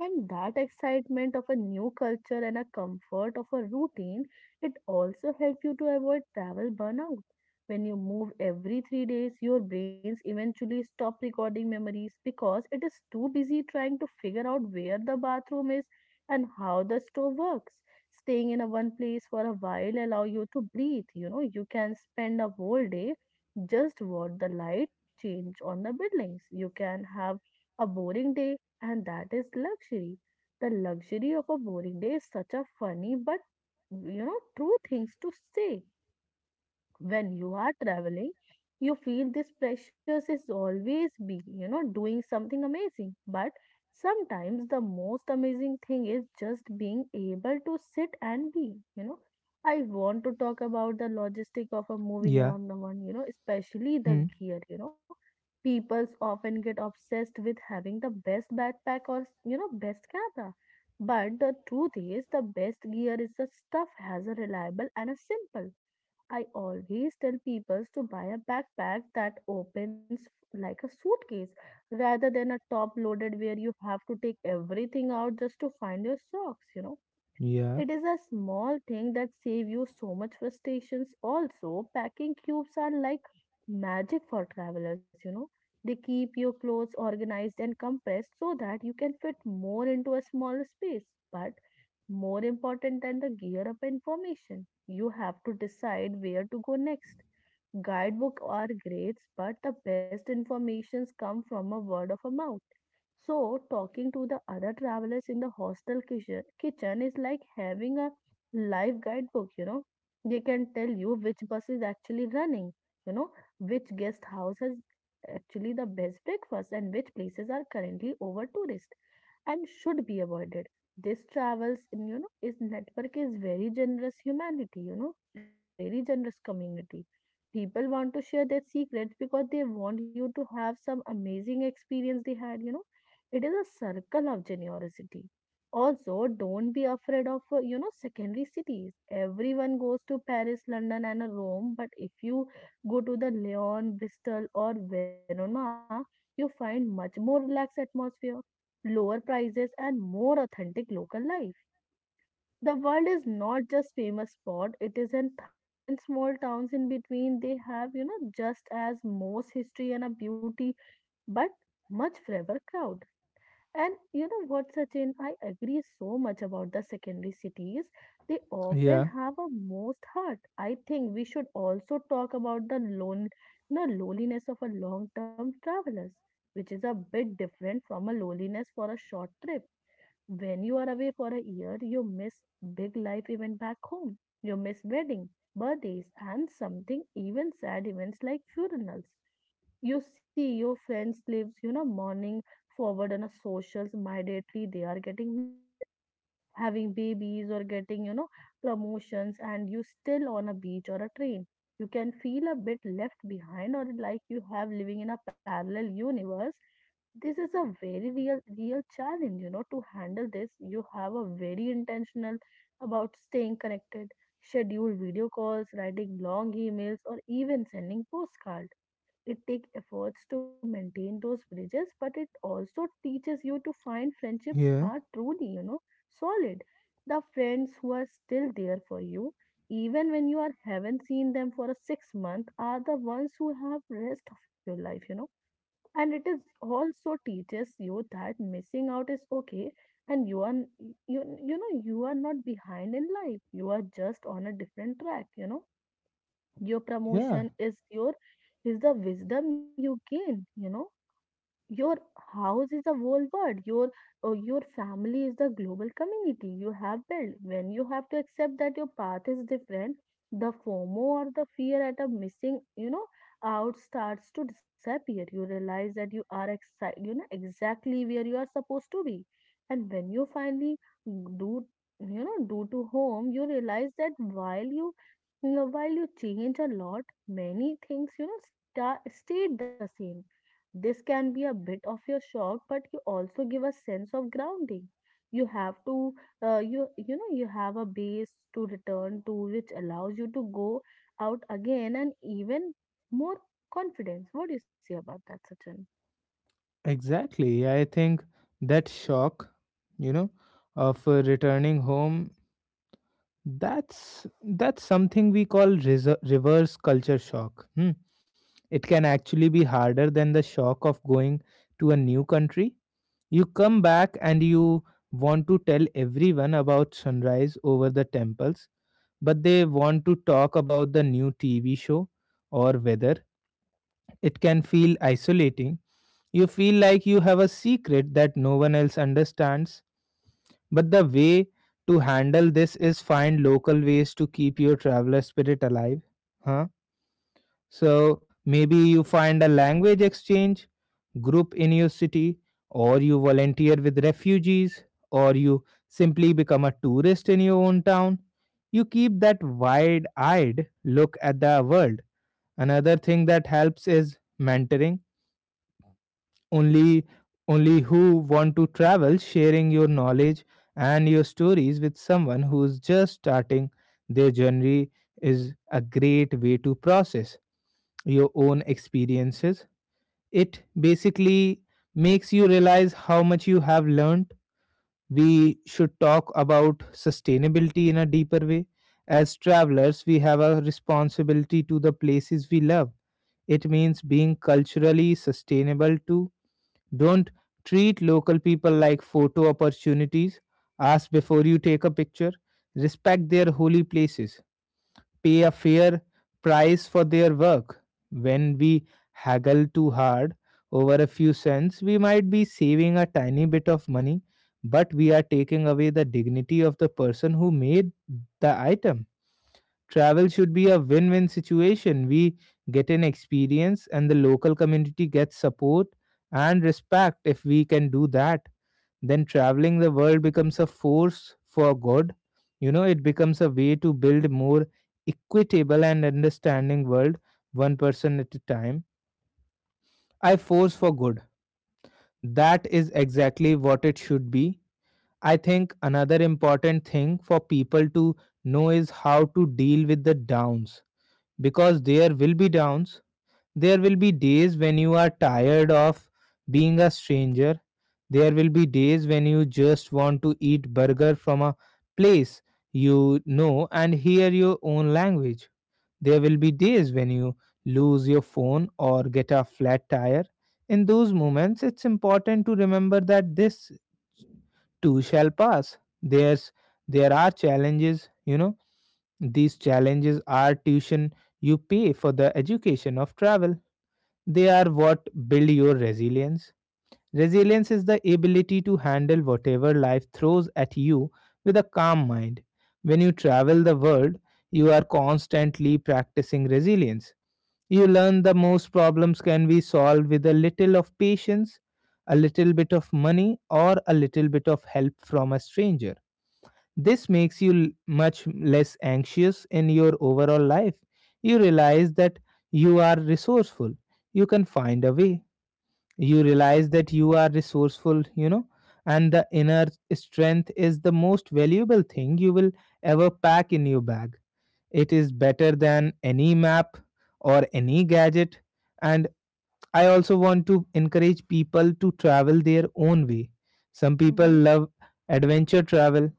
S2: and that excitement of a new culture and a comfort of a routine, it also helps you to avoid travel burnout. When you move every three days, your brains eventually stop recording memories because it is too busy trying to figure out where the bathroom is and how the stove works. Staying in a one place for a while allow you to breathe. You know, you can spend a whole day just watch the light change on the buildings. You can have a boring day, and that is luxury. The luxury of a boring day is such a funny but you know true things to say when you are traveling. You feel this pressure is always be you know doing something amazing, but sometimes the most amazing thing is just being able to sit and be you know i want to talk about the logistic of a moving
S1: Yeah.
S2: around the one you know especially the
S1: Hmm.
S2: gear you know people often get obsessed with having the best backpack or you know best camera, but the truth is the best gear is the stuff has a reliable and a simple. I always tell people to buy a backpack that opens like a suitcase rather than a top loaded where you have to take everything out just to find your socks, you know.
S1: Yeah.
S2: It is a small thing that save you so much frustrations. Also, packing cubes are like magic for travelers, you know. They keep your clothes organized and compressed so that you can fit more into a smaller space. But more important than the gear up information, you have to decide where to go next. Guidebook are great, but the best informations come from a word of a mouth. So, talking to the other travelers in the hostel kitchen, kitchen is like having a live guidebook, you know. They can tell you which bus is actually running, you know, which guest house has actually the best breakfast and which places are currently over tourist and should be avoided. This travels in, you know, is network is very generous humanity, you know, it's a very generous community. People want to share their secrets because they want you to have some amazing experience they had, you know. It is a circle of generosity. Also, don't be afraid of, uh, you know, secondary cities. Everyone goes to Paris, London, and uh, Rome, but if you go to the Lyon, Bristol, or Verona, you find much more relaxed atmosphere, lower prices, and more authentic local life. The world is not just famous spot, it is in thousand small towns in between. They have, you know, just as most history and a beauty, but much forever crowd. And you know what, Sachin, I agree so much about the secondary cities. They often
S1: Yeah.
S2: have a most heart. I think we should also talk about the lone, you know, loneliness of a long-term travelers, which is a bit different from a loneliness for a short trip. When you are away for a year, you miss big life event back home. You miss wedding, birthdays, and something even sad events like funerals. You see your friends lives, you know, mourning forward on a socials immediately they are getting married having babies or getting, you know, promotions, and you still on a beach or a train. You can feel a bit left behind or like you have living in a parallel universe. This is a very real, real challenge, you know, to handle this. You have a very intentional about staying connected, schedule video calls, writing long emails, or even sending postcards. It takes efforts to maintain those villages, but it also teaches you to find friendship
S1: Yeah.
S2: are truly, you know, solid. The friends who are still there for you, even when you are haven't seen them for a six month, are the ones who have rest of your life, you know. And it is also teaches you that missing out is okay, and you are you you know you are not behind in life. You are just on a different track, you know your
S1: Yeah.
S2: promotion is your is the wisdom you gain, you know your house is the whole world your uh, your family is the global community you have built when you have to accept that your path is different. The FOMO or the fear at a missing you know out starts to disappear. You realize that you are exci- you know exactly where you are supposed to be. And when you finally do you know do to home, you realize that while you, you know, while you change a lot. Many things you know sta- stayed the same. This can be a bit of your shock, but you also give a sense of grounding. You have to, uh, you you know, you have a base to return to, which allows you to go out again and even more confidence. What do you say about that, Sachin?
S1: Exactly. Yeah, I think that shock, you know, of uh, returning home, that's that's something we call reser reverse culture shock. Hmm. It can actually be harder than the shock of going to a new country. You come back and you want to tell everyone about sunrise over the temples, but they want to talk about the new T V show or weather. It can feel isolating. You feel like you have a secret that no one else understands, but the way to handle this is find local ways to keep your traveler spirit alive. Huh? So maybe you find a language exchange group in your city, or you volunteer with refugees, or you simply become a tourist in your own town. You keep that wide eyed look at the world. Another thing that helps is mentoring only only who want to travel, sharing your knowledge and your stories with someone who's just starting their journey is a great way to process your own experiences. It basically makes you realize how much you have learned. We should talk about sustainability in a deeper way. As travelers, we have a responsibility to the places we love. It means being culturally sustainable too. Don't treat local people like photo opportunities. Ask before you take a picture. Respect their holy places. Pay a fair price for their work. When we haggle too hard over a few cents, we might be saving a tiny bit of money, but we are taking away the dignity of the person who made the item. Travel should be a win win situation. We get an experience, and the local community gets support and respect. If we can do that, then traveling the world becomes a force for good. You know, it becomes a way to build more equitable and understanding world, one person at a time. I force for good. That is exactly what it should be. I think another important thing for people to know is how to deal with the downs, because there will be downs. There will be days when you are tired of being a stranger. There will be days when you just want to eat burger from a place you know and hear your own language. There will be days when you lose your phone or get a flat tire. In those moments, it's important to remember that this too shall pass. There's there are challenges, you know, these challenges are tuition you pay for the education of travel. They are what build your resilience. Resilience is the ability to handle whatever life throws at you with a calm mind. When you travel the world, you are constantly practicing resilience. You learn the most problems can be solved with a little of patience, a little bit of money, or a little bit of help from a stranger. This makes you l- much less anxious in your overall life. You realize that you are resourceful, you can find a way, you realize that you are resourceful, you know. And the inner strength is the most valuable thing you will ever pack in your bag. It is better than any map or any gadget. And I also want to encourage people to travel their own way. Some
S2: Mm-hmm.
S1: people love adventure travel,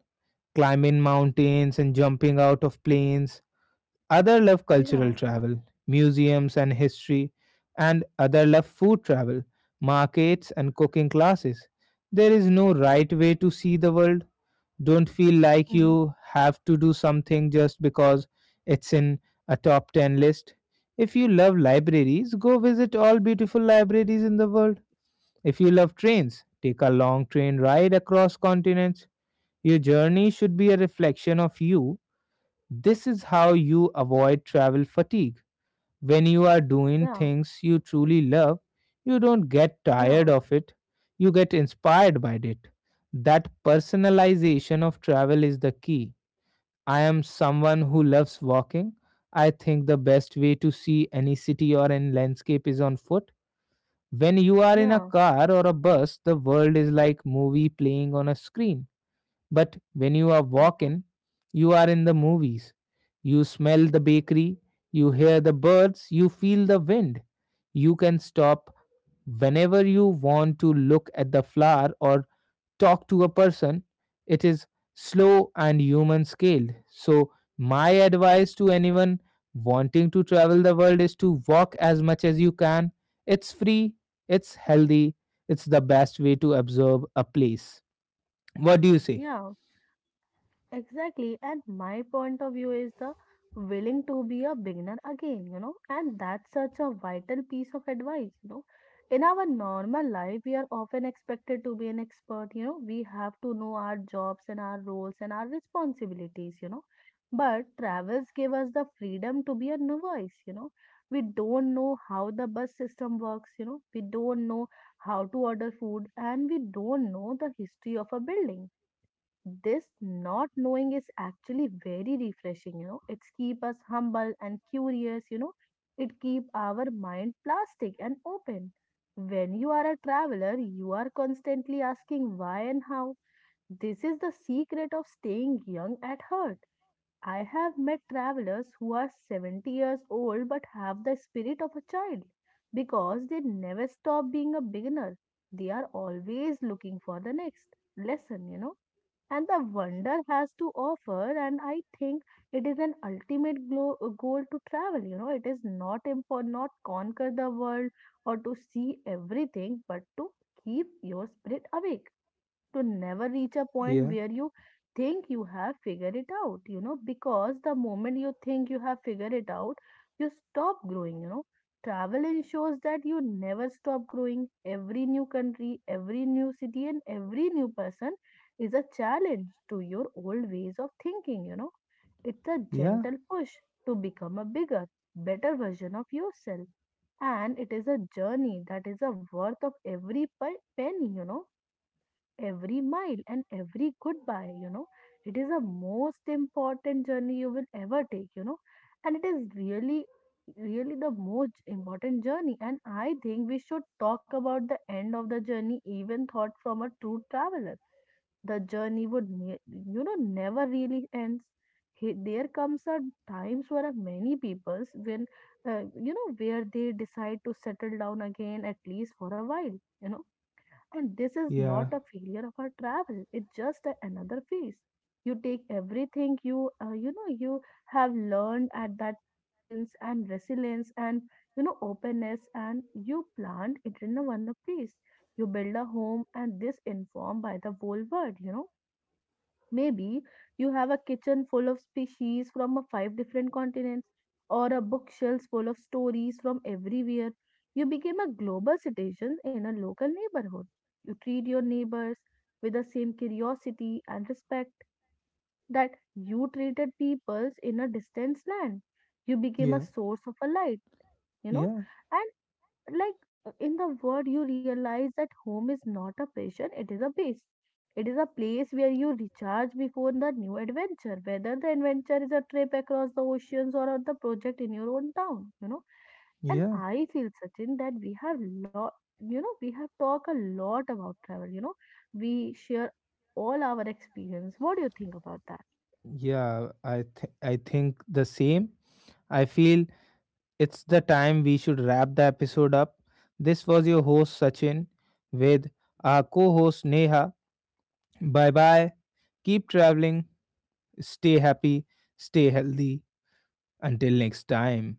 S1: climbing mountains and jumping out of planes, other love
S2: Yeah.
S1: cultural travel, museums and history, and other love food travel, markets and cooking classes. There is no right way to see the world. Don't feel like
S2: Mm-hmm.
S1: you have to do something just because it's in a top ten list. If you love libraries, go visit all beautiful libraries in the world. If you love trains, take a long train ride across continents. Your journey should be a reflection of you. This is how you avoid travel fatigue. When you are doing
S2: Yeah.
S1: things you truly love, you don't get
S2: Yeah.
S1: tired of it, you get inspired by it. That personalization of travel is the key. I am someone who loves walking. I think the best way to see any city or any landscape is on foot. When you are in a
S2: Yeah.
S1: car or a bus, the world is like movie playing on a screen. But when you are
S2: Mm-hmm.
S1: walking, you are in the movies. You smell the bakery, you hear the birds, you feel the wind. You can stop whenever you want to look at the flower or talk to a person. It is slow and human scaled. So, my advice to anyone wanting to travel the world is to walk as much as you can. It's free, it's healthy, it's the best way to observe a place. What do you say?
S2: Yeah. Exactly. And my point of view is the willing to be a beginner again, you know, and that's such a vital piece of advice, you know. In our normal life, we are often expected to be an expert, you know, we have to know our jobs and our roles and our responsibilities, you know. But travels give us the freedom to be a novice, you know. We don't know how the bus system works, you know, we don't know how to order food, and we don't know the history of a building. This not knowing is actually very refreshing you know it's keep us humble and curious you know it keep our mind plastic and open. When you are a traveler, you are constantly asking why and how. This is the secret of staying young at heart. I have met travelers who are seventy years old but have the spirit of a child, because they never stop being a beginner. They are always looking for the next lesson you know and the wonder has to offer. And I think it is an ultimate glo- uh, goal to travel you know it is not impo- not conquer the world or to see everything, but to keep your spirit awake, to never reach a point
S1: Yeah,
S2: where you think you have figured it out, you know, because the moment you think you have figured it out, you stop growing, you know. Travel ensures that you never stop growing. Every new country, every new city, and every new person is a challenge to your old ways of thinking, you know. It's a
S1: yeah,
S2: gentle push to become a bigger, better version of yourself. And it is a journey that is a worth of every pe- penny, you know every mile and every goodbye, you know. It is a most important journey you will ever take, you know. And it is really, really the most important journey. And I think we should talk about the end of the journey, even thought from a true traveler. The journey would, ne- you know, never really ends. He- There comes a times where a many peoples when uh, you know where they decide to settle down again, at least for a while you know and this is not
S1: yeah,
S2: a failure of our travel. It's just a- another phase. You take everything you, uh, you know, you have learned at that, patience and resilience and, you know, openness, and you plant it in a one place. You build a home and this informed by the whole world, you know. Maybe you have a kitchen full of species from a five different continents or a bookshelf full of stories from everywhere. You became a global citizen in a local neighborhood. You treat your neighbors with the same curiosity and respect that you treated peoples in a distant land. You became a
S1: yeah,
S2: source of a light, you know,
S1: yeah,
S2: and like uh, in the word you realize that home is not a prison, it is a base. It is a place where you recharge before the new adventure, whether the adventure is a trip across the oceans or on the project in your own town you know and
S1: yeah,
S2: I feel certain that we have lot you know we have talked a lot about travel you know we share all our experience. What do you think about that?
S1: yeah. I th- I think the same. I feel it's the time we should wrap the episode up. This was your host Sachin with our co-host Neha. Bye bye. Keep traveling. Stay happy. Stay healthy. Until next time.